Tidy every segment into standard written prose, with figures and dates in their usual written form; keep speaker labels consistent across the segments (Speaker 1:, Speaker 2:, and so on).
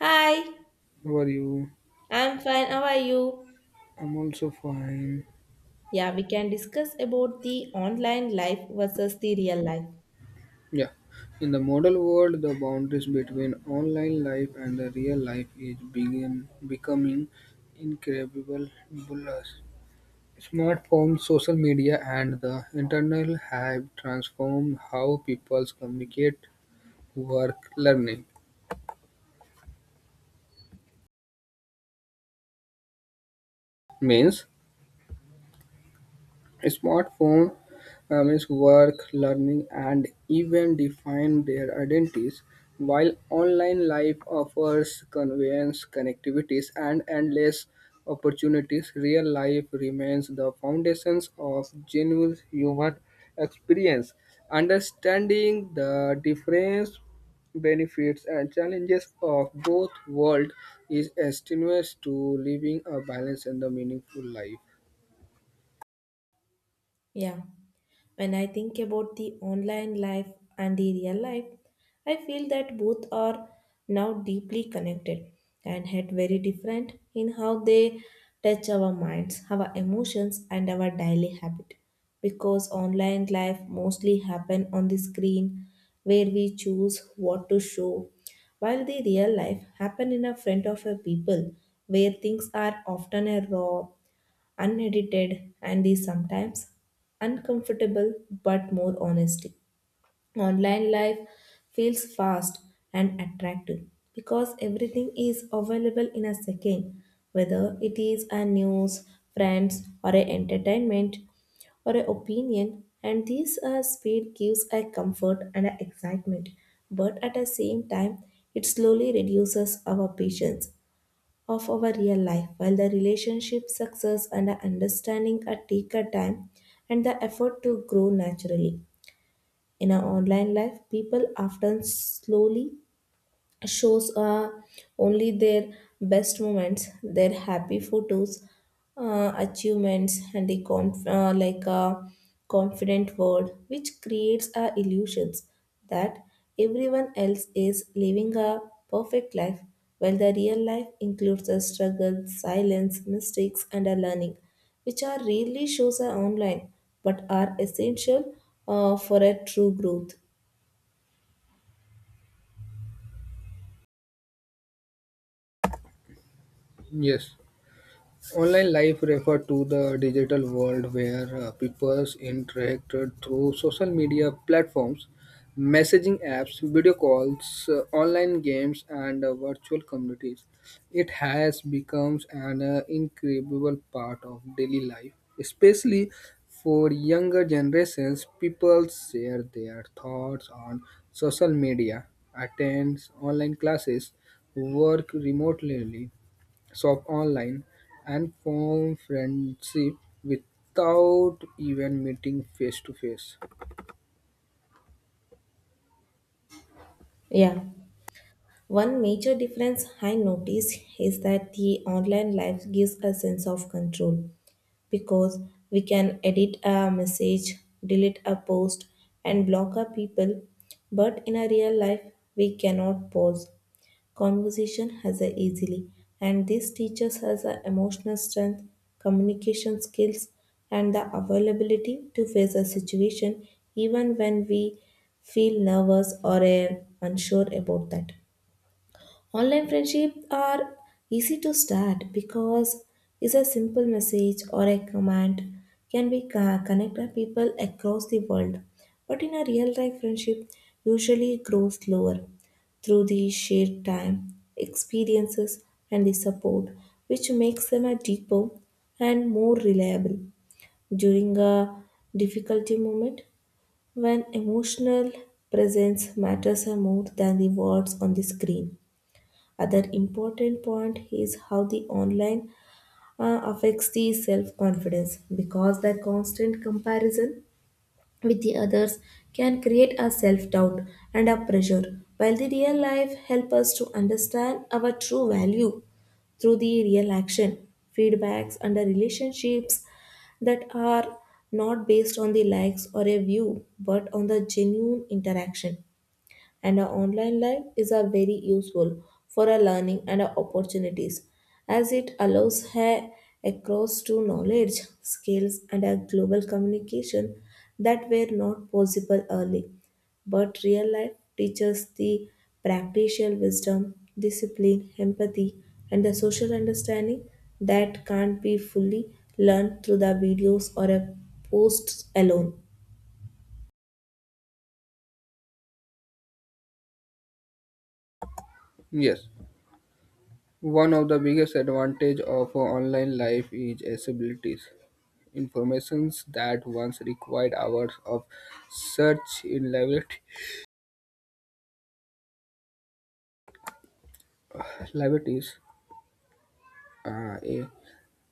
Speaker 1: Hi,
Speaker 2: How are you?
Speaker 1: I'm fine. How are you?
Speaker 2: I'm also fine.
Speaker 1: Yeah, we can discuss about the online life versus the real life.
Speaker 2: Yeah. In the modern world, the boundaries between online life and the real life is becoming incredible blurs. Smartphones, social media, and the internet have transformed how people communicate, work, learning. Means Smartphone, means work, learning, and even define their identities. While online life offers convenience, connectivities, and endless opportunities, real life remains the foundations of genuine human experience. Understanding the difference, benefits, and challenges of both worlds is essential to living a balanced and a meaningful life.
Speaker 1: Yeah. When I think about the online life and the real life, I feel that both are now deeply connected and yet very different in how they touch our minds, our emotions, and our daily habit. Because online life mostly happen on the screen where we choose what to show, while the real life happen in a front of a people where things are often a raw unedited and is sometimes uncomfortable but more honesty. Online life feels fast and attractive because everything is available in a second, whether it is a news, friends, or a entertainment or an opinion, and this speed gives a comfort and a excitement, but at the same time, it slowly reduces our patience of our real life, while the relationship success and the understanding are taker time and the effort to grow naturally. In our online life, people often slowly shows only their best moments, their happy photos, achievements, and the confident world, which creates illusions that everyone else is living a perfect life, while the real life includes a struggle, silence, mistakes, and a learning, which are rarely shows online but are essential for a true growth.
Speaker 2: Yes. Online life refer to the digital world where people interact through social media platforms, messaging apps, video calls, online games, and virtual communities. It has become an incredible part of daily life, especially for younger generations. People share their thoughts on social media, attend online classes, work remotely, shop online, and form friendship without even meeting face to face.
Speaker 1: Yeah. One major difference I notice is that the online life gives a sense of control because we can edit a message, delete a post, and block a people. But in a real life, we cannot pause conversation as a easily, and this teaches us a emotional strength, communication skills, and the availability to face a situation even when we feel nervous or unsure about that. Online friendships are easy to start because it's a simple message or a command can be connect our people across the world. But in a real life friendship, usually grows slower through the shared time, experiences, and the support, which makes them a deeper and more reliable during a difficulty moment when emotional presence matters more than the words on the screen. Other important point is how the online affects the self-confidence because the constant comparison with the others can create a self-doubt and a pressure while the real life help us to understand our true value through the real action, feedbacks, and the relationships that are not based on the likes or a view but on the genuine interaction and our online life is a very useful for our learning and our opportunities as it allows her across to knowledge, skills and a global communication that were not possible early. But real life teaches the practical wisdom, discipline, empathy, and the social understanding that can't be fully learned through the videos or a post alone.
Speaker 2: Yes, one of the biggest advantage of online life is accessibilities. Informations that once required hours of search in libraries, uh, eh,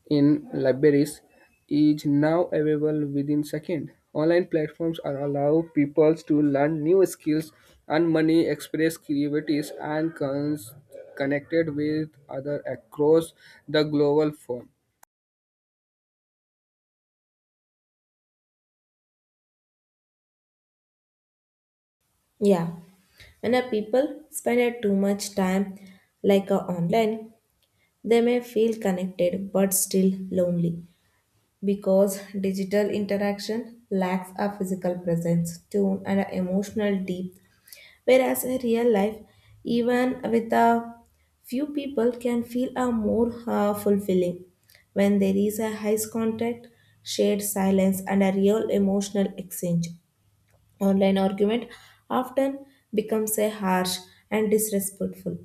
Speaker 2: in libraries is now available within seconds. Online platforms are allow people to learn new skills and money, express creativities, and connected with other across the global form.
Speaker 1: Yeah, when a people spend a too much time like a online, they may feel connected but still lonely because digital interaction lacks a physical presence, tune, and a emotional depth. Whereas in real life, even with a few people, can feel a more fulfilling when there is a high contact, shared silence, and a real emotional exchange. Online argument often becomes a harsh and disrespectful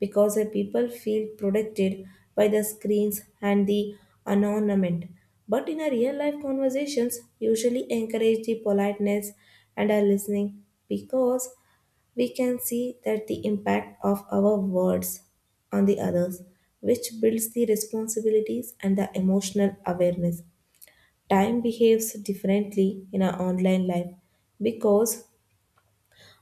Speaker 1: because a people feel protected by the screens and the anonymity. But in a real life conversations, usually encourage the politeness and are listening because we can see that the impact of our words on the others, which builds the responsibilities and the emotional awareness. Time behaves differently in our online life because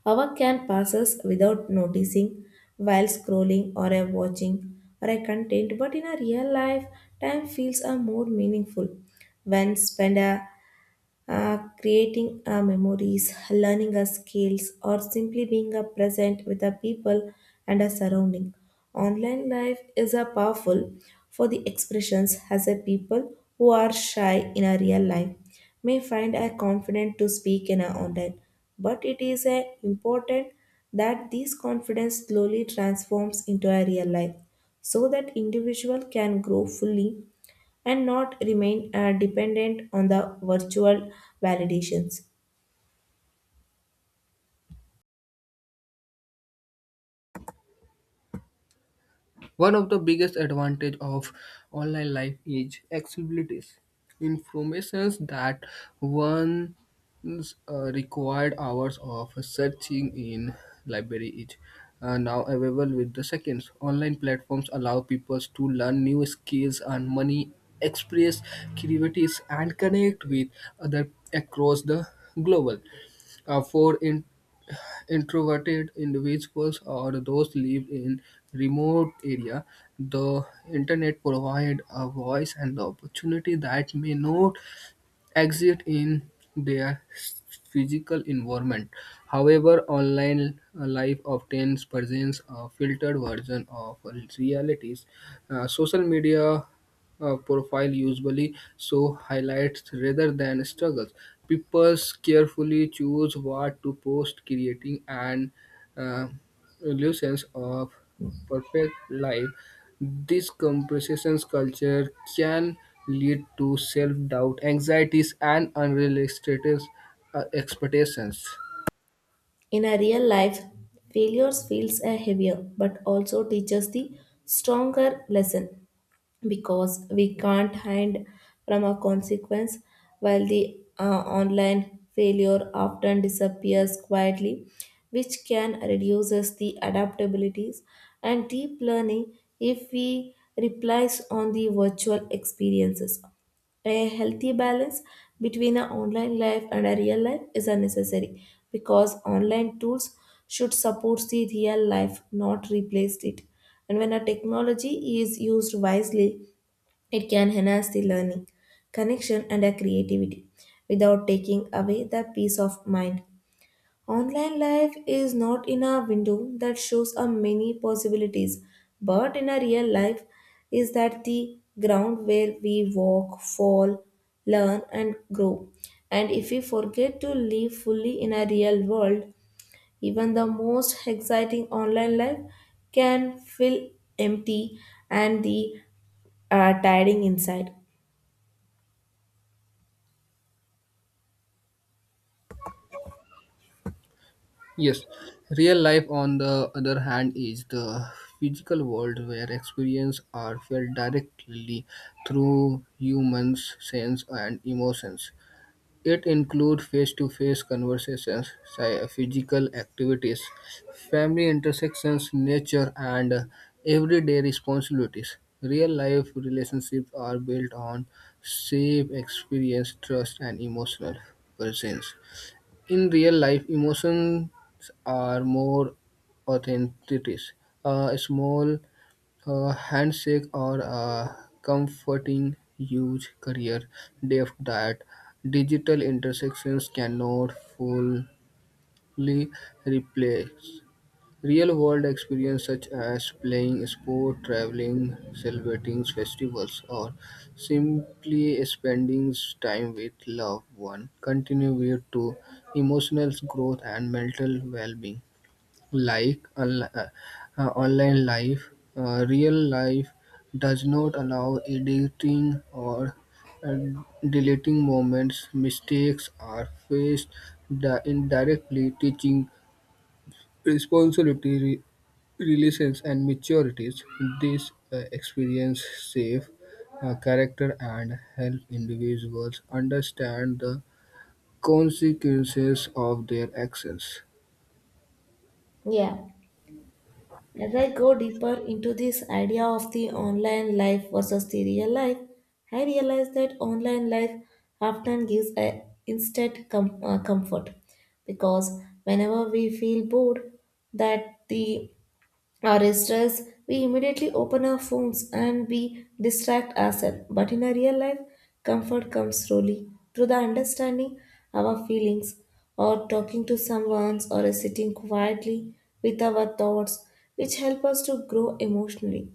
Speaker 1: hour can passes without noticing while scrolling or a watching or a content, but in a real life, time feels are more meaningful when spent creating memories, learning skills, or simply being present with the people and a surrounding. Online life is a powerful for the expressions as a people who are shy in a real life may find a confident to speak in a online, but it is a important that this confidence slowly transforms into a real life so that individual can grow fully and not remain dependent on the virtual validations.
Speaker 2: One of the biggest advantage of online life is accessibility. Informations that once required hours of searching in library is now available with the seconds. Online platforms allow people to learn new skills and money, express creativities, and connect with other across the global. For in introverted individuals or those live in remote area, the internet provide a voice and the opportunity that may not exist in their physical environment. However, online life often presents a filtered version of realities. Social media profile usually show highlights rather than struggles. People carefully choose what to post, creating an uh, illusions of perfect life. This comparison culture can lead to self-doubt, anxieties, and unrealistic expectations.
Speaker 1: In a real life, failures feels a heavier but also teaches the stronger lesson because we can't hide from a consequence while the online failure often disappears quietly which can reduces the adaptabilities and deep learning if we replies on the virtual experiences. A healthy balance between an online life and a real life is a necessary because online tools should support the real life, not replace it. And when a technology is used wisely, it can enhance the learning, connection, and a creativity without taking away the peace of mind. Online life is not in a window that shows a many possibilities, but in a real life is that the ground where we walk, fall, learn and grow. And if we forget to live fully in a real world, even the most exciting online life can feel empty and the tiring inside.
Speaker 2: Yes, real life, on the other hand, is the physical world where experiences are felt directly through humans' sense and emotions. It includes face-to-face conversations, physical activities, family intersections, nature, and everyday responsibilities. Real-life relationships are built on shared experience, trust, and emotional presence. In real life, emotions are more authentic. A small a handshake or a comforting huge career depth that digital intersections cannot fully replace. Real world experience such as playing sport, traveling, celebrating festivals, or simply spending time with loved one contribute to emotional growth and mental well being. Like unli- uh, Online life, real life does not allow editing or uh, deleting moments. Mistakes are faced indirectly, teaching responsibility, relations, and maturities. This experience safe character and help individuals understand the consequences of their actions.
Speaker 1: Yeah. As I go deeper into this idea of the online life versus the real life, I realize that online life often gives a instant comfort because whenever we feel bored, that the or is stressed, we immediately open our phones and we distract ourselves. But in our real life, comfort comes slowly through the understanding our feelings or talking to someone or sitting quietly with our thoughts, which help us to grow emotionally.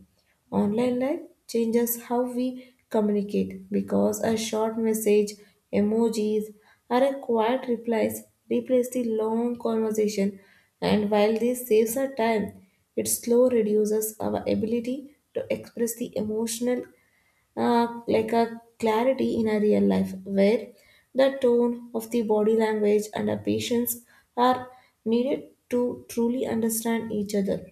Speaker 1: Online life changes how we communicate because a short message, emojis, or a quiet replies replace the long conversation. And while this saves our time, it slow reduces our ability to express the emotional, like a clarity in our real life, where the tone of the body language and our patience are needed to truly understand each other.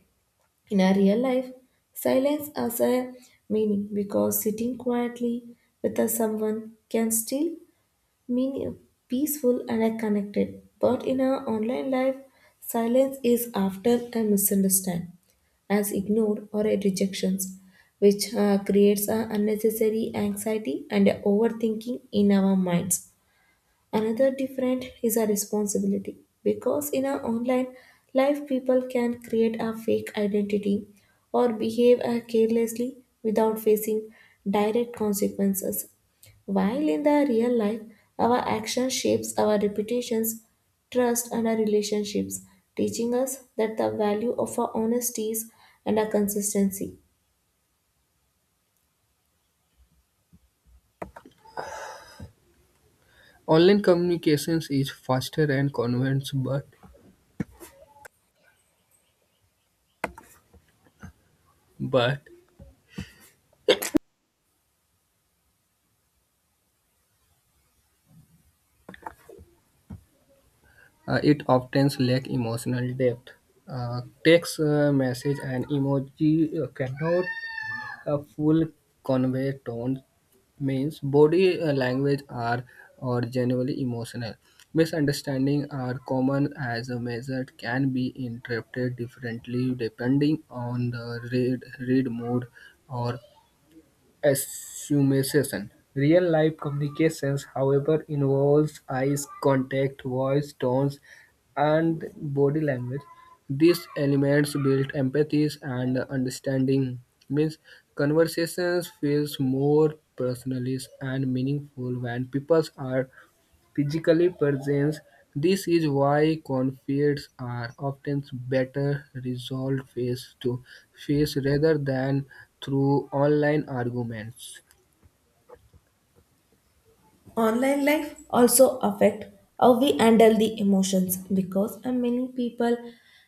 Speaker 1: In our real life, silence has a meaning because sitting quietly with a someone can still mean peaceful and connected. But in our online life, silence is often a misunderstood as ignored or a rejections, which creates a unnecessary anxiety and overthinking in our minds. Another different is a responsibility because in our online life people can create a fake identity or behave carelessly without facing direct consequences. While in the real life our action shapes our reputations, trust and our relationships, teaching us that the value of our honesty is and our consistency.
Speaker 2: Online communications is faster and convenient, but it often lacks emotional depth. Text, message, and emoji cannot full convey tone. Means body language are or generally emotional. Misunderstanding are common as a measure can be interpreted differently depending on the read mood or assumption. Real-life communications, however, involves eye contact, voice tones, and body language. These elements build empathy and understanding. Means conversations feels more personal and meaningful when people are physically presence. This is why conflicts are often better resolved face to face rather than through online arguments.
Speaker 1: Online life also affect how we handle the emotions because many people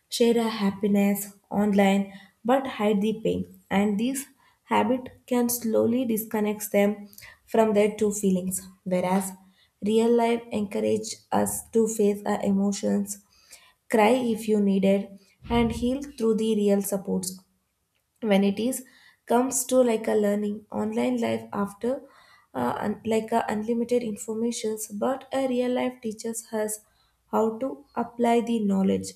Speaker 1: share a happiness online but hide the pain and this habit can slowly disconnect them from their true feelings whereas real life encourage us to face our emotions cry if you needed and heal through the real supports when it is comes to like a learning online life after like a unlimited informations but a real life teaches us how to apply the knowledge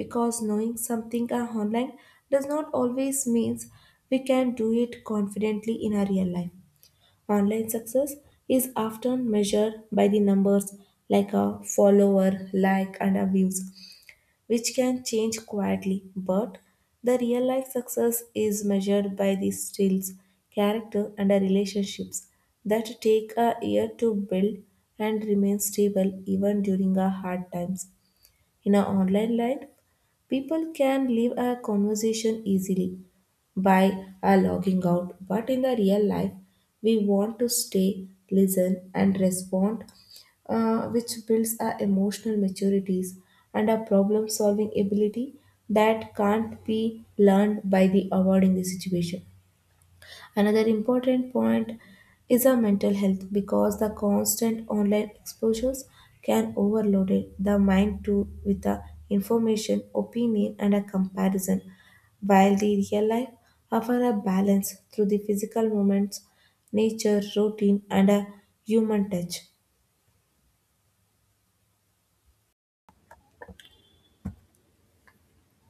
Speaker 1: because knowing something online does not always means we can do it confidently in our real life online success is often measured by the numbers like a follower like and a views which can change quietly, but the real life success is measured by the skills, character, and the relationships that take a year to build and remain stable even during our hard times. In our online life, people can leave a conversation easily by logging out, but in the real life, we want to stay, listen, and respond, which builds our emotional maturities and a problem solving ability that can't be learned by the avoiding the situation. Another important point is our mental health because the constant online exposures can overload it, the mind too with the information, opinion, and a comparison, while the real life offer a balance through the physical moments, nature, routine, and a human touch.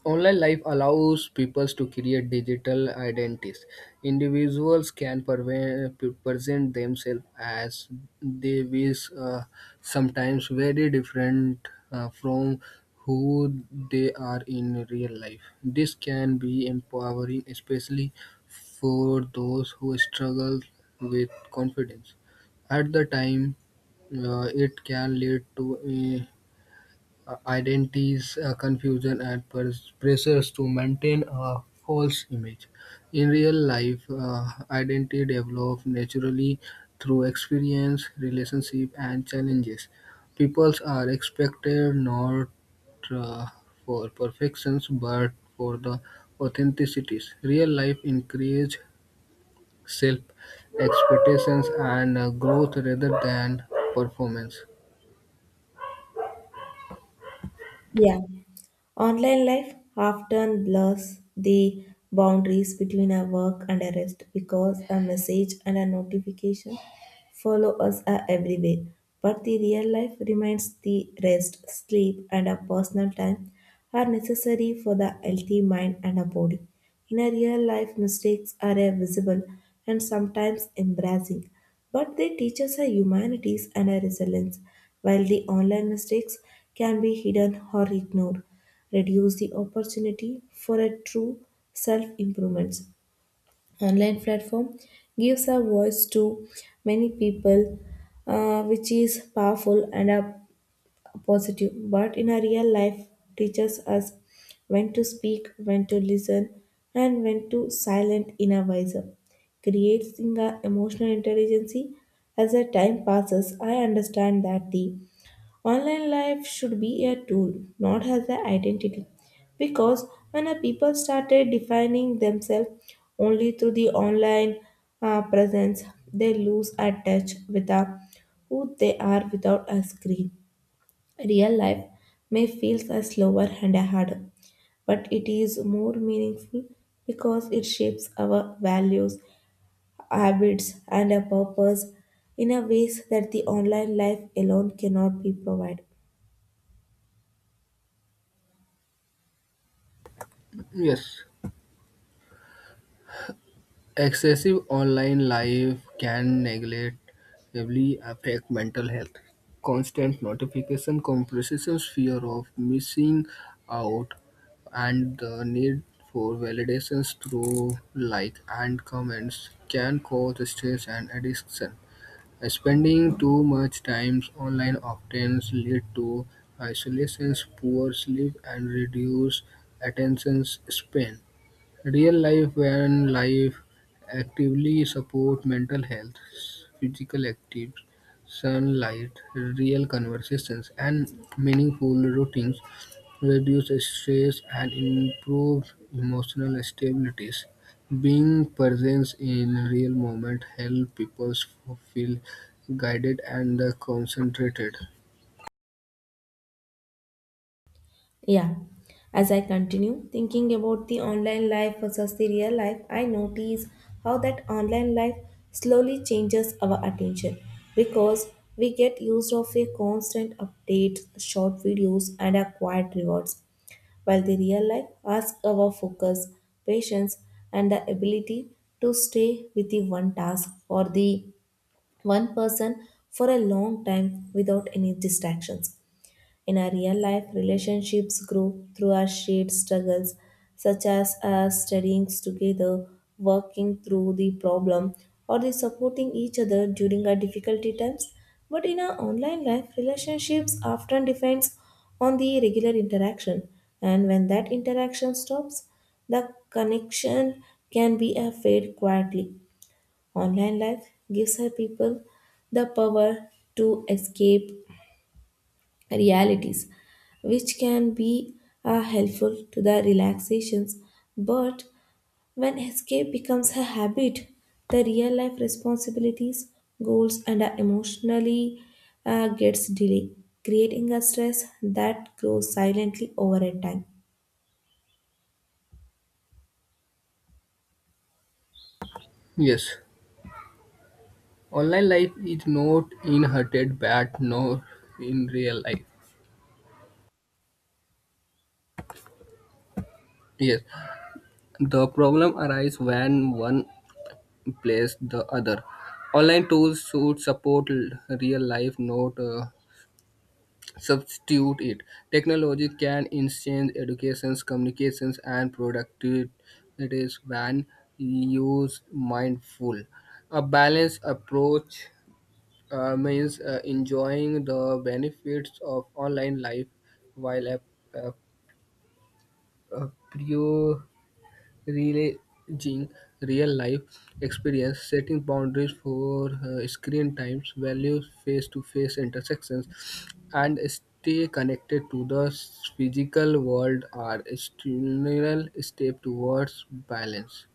Speaker 2: Online life allows people to create digital identities. Individuals can present themselves as they wish, sometimes very different from who they are in real life. This can be empowering, especially for those who struggle with confidence. At the time, it can lead to identities confusion and pressures to maintain a false image. In real life, identity develops naturally through experience relationship and challenges. People are expected not uh, for perfections but for the authenticities. Real life encourages self expectations and growth rather than performance.
Speaker 1: Yeah. Online life often blurs the boundaries between our work and our rest because a message and a notification follow us everywhere. But the real life remains the rest, sleep, and our personal time are necessary for the healthy mind and a body. In a real life, mistakes are visible and sometimes embarrassing. But they teach us a humanities and a resilience, while the online mistakes can be hidden or ignored, reduce the opportunity for a true self improvement. Online platform gives a voice to many people, which is powerful and a positive but in a real life teaches us when to speak when to listen and when to silent in a wiser creating a emotional intelligence as the time passes I understand that the online life should be a tool not as an identity because when a people started defining themselves only through the online presence they lose a touch with a, who they are without a screen. Real life may feel as slower and harder, but it is more meaningful because it shapes our values, habits, and our purpose in a ways that the online life alone cannot be provided.
Speaker 2: Yes. Excessive online life can negatively affect mental health. Constant notification compresses fear of missing out, and the need for validations through like and comments can cause stress and addiction. Spending too much time online often lead to isolation, poor sleep and reduced attention span. Real life van life actively support mental health, physical activity, sunlight, real conversations, and meaningful routines reduce stress and improve emotional stabilities. Being present in real moment help people feel guided and concentrated.
Speaker 1: Yeah. As I continue thinking about the online life versus the real life, I notice how that online life slowly changes our attention because we get used of a constant updates, short videos, and a quiet rewards, while the real life asks our focus, patience, and the ability to stay with the one task or the one person for a long time without any distractions. In our real life, relationships grow through our shared struggles, such as studying together, working through the problem, or the supporting each other during our difficulty times. But in our online life, relationships often depends on the regular interaction, and when that interaction stops, the connection can be fade quietly. Online life gives her people the power to escape realities, which can be helpful to the relaxations. But when escape becomes a habit, the real life responsibilities, goals, and emotionally gets delayed, creating a stress that grows silently over a time.
Speaker 2: Yes, online life is not inherited bad nor in real life. Yes, the problem arises when one plays the other. Online tools should support real life, not substitute it. Technology can enhance educations, communications, and productivity when used mindful. A balanced approach means enjoying the benefits of online life while ap- appreciating relaying real-life experience, setting boundaries for screen times, values, face-to-face intersections, and stay connected to the physical world are a structural step towards balance.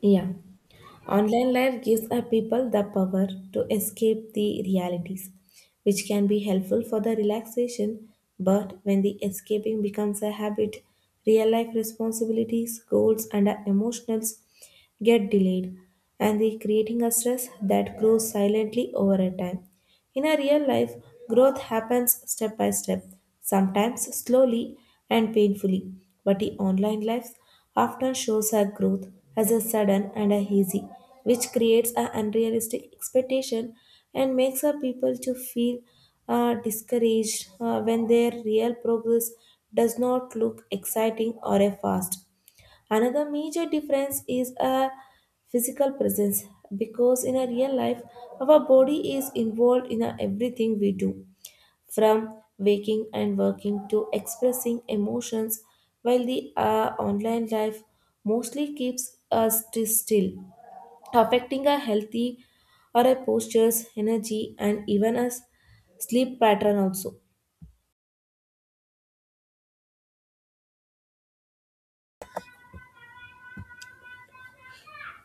Speaker 1: Yeah. Online life gives a people the power to escape the realities, which can be helpful for the relaxation, but when the escaping becomes a habit, real life responsibilities, goals, and our emotionals get delayed, and the creating a stress that grows silently over a time. In a real life, growth happens step by step, sometimes slowly and painfully. But the online life often shows our growth as a sudden and a hazy, which creates an unrealistic expectation and makes our people to feel discouraged when their real progress does not look exciting or a fast. Another major difference is a physical presence because in a real life our body is involved in a everything we do from waking and working to expressing emotions while the online life mostly keeps us still affecting our healthy or our postures energy and even our sleep pattern also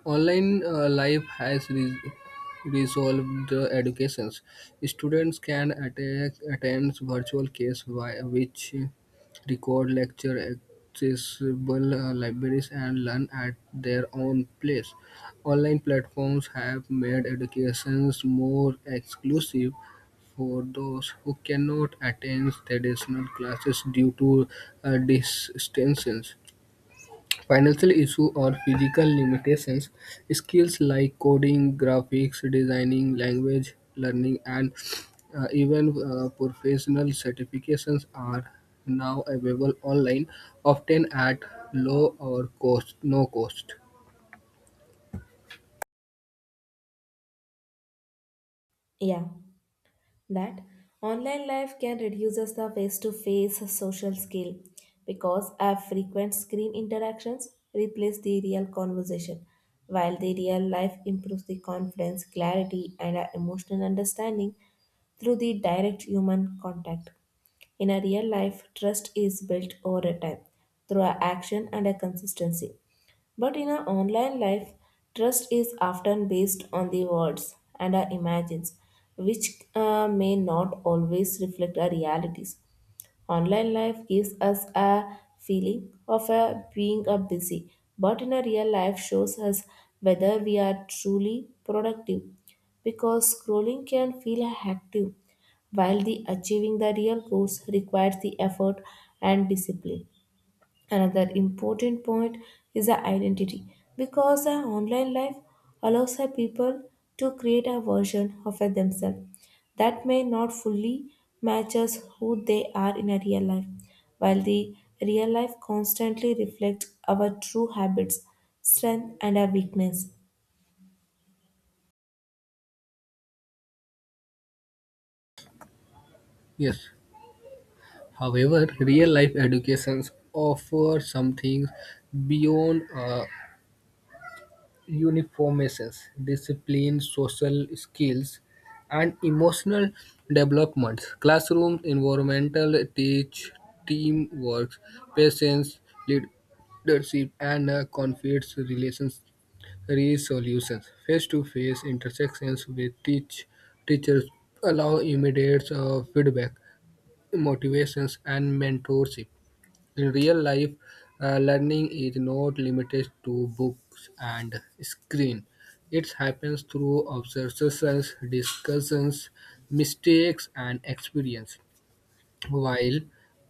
Speaker 2: Online life has resolved the educations. Students can attend virtual case via which record lecture accessible libraries and learn at their own place. Online platforms have made educations more exclusive for those who cannot attend traditional classes due to distances. Financial issues or physical limitations, skills like coding, graphics designing, language learning, and even professional certifications are now available online, often at low or no cost.
Speaker 1: yeah that online life can reduce us the face-to-face social skill because our frequent screen interactions replace the real conversation while the real life improves the confidence clarity and our emotional understanding through the direct human contact in a real life trust is built over a time through our action and a consistency but in our online life, trust is often based on the words and our imagines, which may not always reflect our realities. Online life gives us a feeling of a being a busy, but in a real life shows us whether we are truly productive because scrolling can feel active while the achieving the real goals requires the effort and discipline. Another important point is the identity because our online life allows our people to create a version of her themselves that may not fully matches who they are in a real life, while the real life constantly reflects our true habits, strength, and our weakness.
Speaker 2: Yes. However, real life educations offer something beyond uniformisms, discipline, social skills, and emotional developments. Classroom environmental teach teamwork, patience, leadership, and conflict relations resolutions. Face-to-face intersections with teachers allow immediate feedback, motivations, and mentorship. In real life, learning is not limited to books and screen. It happens through observations, discussions, mistakes, and experience. While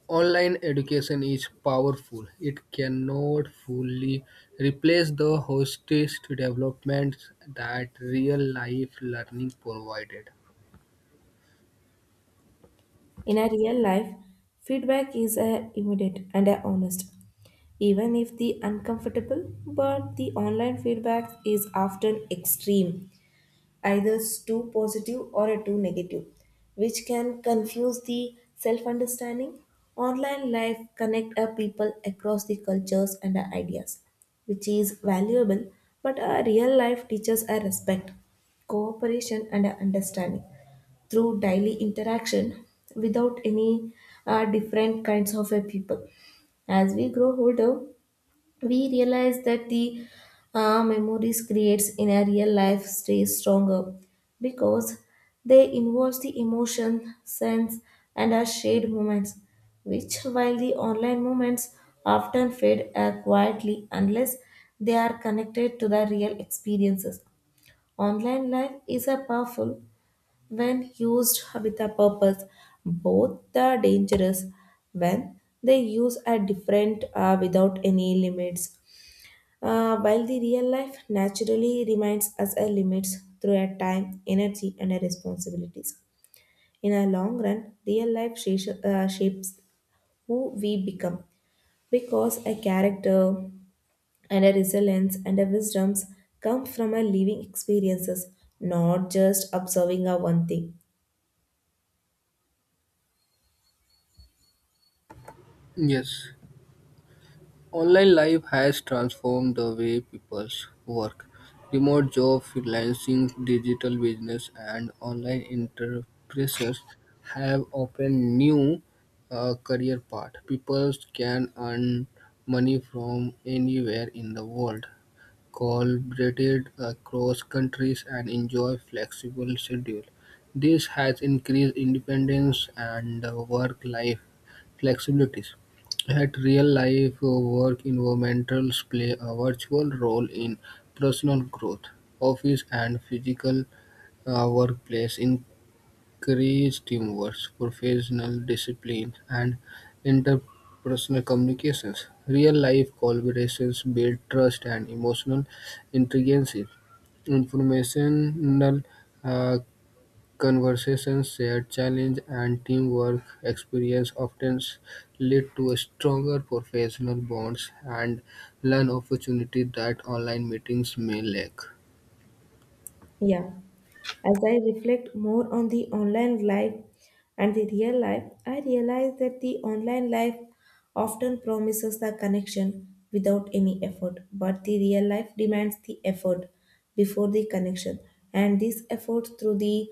Speaker 2: online education is powerful, it cannot fully replace the holistic developments that real life learning provided.
Speaker 1: In a real life, feedback is a immediate and a honest even if the uncomfortable but the online feedback is often extreme either is too positive or a too negative, which can confuse the self understanding. Online life connect our people across the cultures and our ideas, which is valuable, but our real life teaches our respect, cooperation, and our understanding through daily interaction without any different kinds of a people. As we grow older, we realize that the memories creates in a real life stays stronger because they involve the emotion sense and our shared moments which while the online moments often fade quietly unless they are connected to the real experiences online life is a powerful when used with a purpose both the dangerous when they use are different without any limits while the real life naturally reminds us our limits through our time, energy, and our responsibilities. In our long run, real life shapes, shapes who we become because a character and a resilience and a wisdoms come from our living experiences, not just observing our one thing.
Speaker 2: Yes. Online life has transformed the way people work. Remote job, freelancing, digital business, and online enterprises have opened new career paths. People can earn money from anywhere in the world, collaborated across countries and enjoy flexible schedule. This has increased independence and work-life flexibilities. At real-life work environments play a virtual role in personal growth, office and physical workplace encourage teamwork, professional discipline, and interpersonal communications. Real life collaborations build trust and emotional intelligence. Informational uh, conversations, shared challenge, and teamwork experience often lead to stronger professional bonds and learn opportunities that online meetings may lack.
Speaker 1: Yeah. As I reflect more on the online life and the real life, I realize that the online life often promises the connection without any effort, but the real life demands the effort before the connection, and this effort through the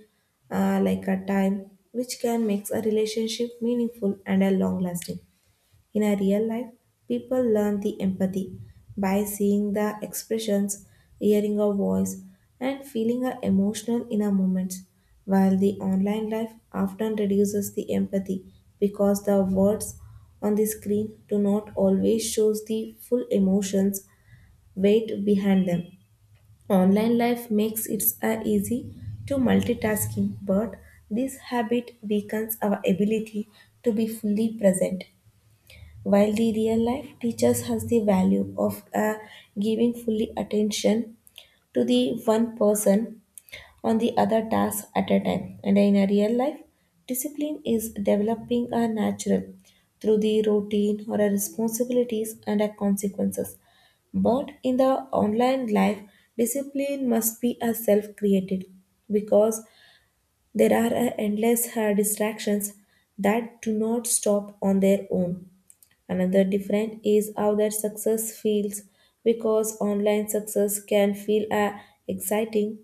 Speaker 1: like a time, which can make a relationship meaningful and a long lasting. In a real life, people learn the empathy by seeing the expressions, hearing a voice, and feeling a emotional in a moment, while the online life often reduces the empathy because the words on the screen do not always shows the full emotions weight behind them. Online life makes it easy to multitasking, but this habit weakens our ability to be fully present. While the real life teaches us the value of giving fully attention to the one person on the other task at a time, and in a real life, discipline is developing a natural through the routine or a responsibilities and a consequences. But in the online life, discipline must be a self-created because there are endless distractions that do not stop on their own. Another difference is how that success feels because online success can feel exciting,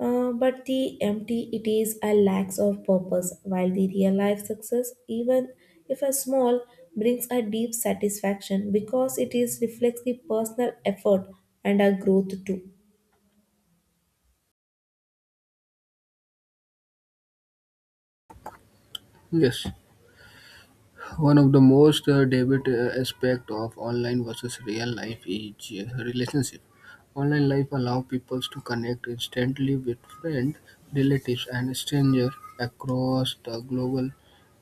Speaker 1: but the empty it is a lack of purpose, while the real life success, even if a small, brings a deep satisfaction because it is reflects the personal effort and our growth too.
Speaker 2: Yes. One of the most debate aspect of online versus real life is relationship. Online life allow people to connect instantly with friends, relatives, and strangers across the global.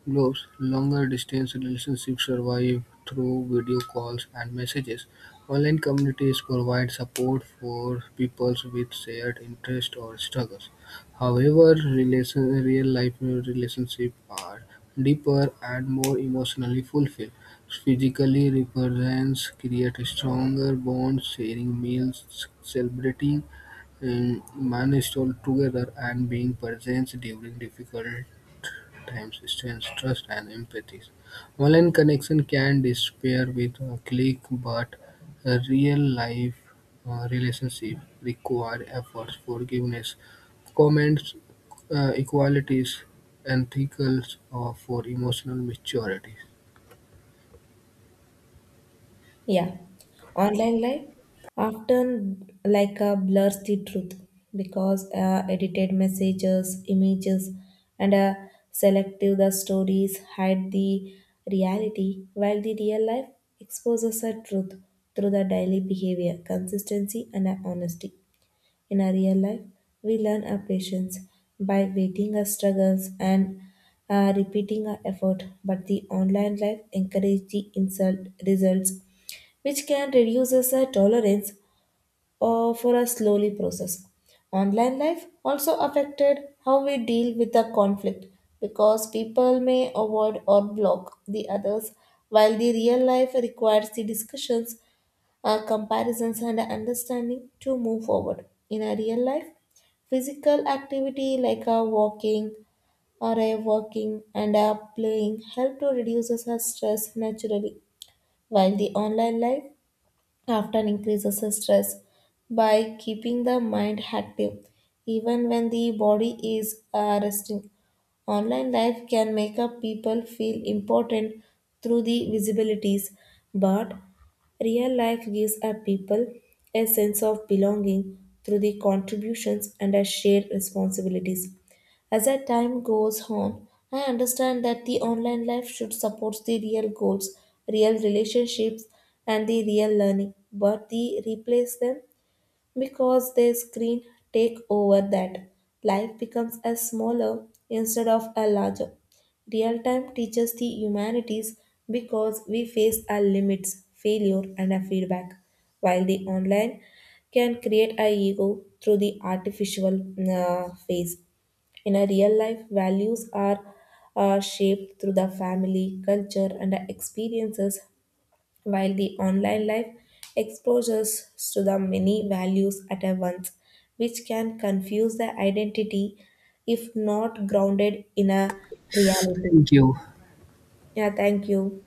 Speaker 2: Globe's longer-distance relationships survive through video calls and messages. Online communities provide support for people with shared interests or struggles. However, real-life relationships are deeper and more emotionally fulfilled. Physically, represents create stronger bonds, sharing meals, celebrating milestones together, and being present during difficult time, distance, trust, and empathy. Online connection can disappear with a click, but a real life relationship require efforts, forgiveness, comments, equalities, and ethics, or for emotional maturity.
Speaker 1: Yeah, online life often like a blurs the truth because edited messages, images, and selective the stories hide the reality, while the real life exposes the truth through the daily behavior, consistency, and honesty. In our real life, we learn our patience by waiting our struggles and repeating our effort, but the online life encourages the insult results, which can reduce us our tolerance or for a slowly process. Online life also affected how we deal with the conflict because people may avoid or block the others, while the real life requires the discussions, comparisons, and understanding to move forward. In a real life, physical activity like a walking or a walking and a playing help to reduce our stress naturally while the online life often increases the stress by keeping the mind active even when the body is resting. Online life can make up people feel important through the visibilities, but real life gives a people a sense of belonging through the contributions and a shared responsibilities. As that time goes on, I understand that the online life should support the real goals, real relationships, and the real learning, but they replace them because their screen take over that. Life becomes a smaller instead of a larger. Real time teaches the humanities because we face our limits, failure, and our feedback, while the online can create our ego through the artificial phase. In a real life, values are shaped through the family, culture, and the experiences, while the online life exposes us to the many values at a once, which can confuse the identity if not grounded in a reality.
Speaker 2: Thank you.
Speaker 1: Yeah, thank you.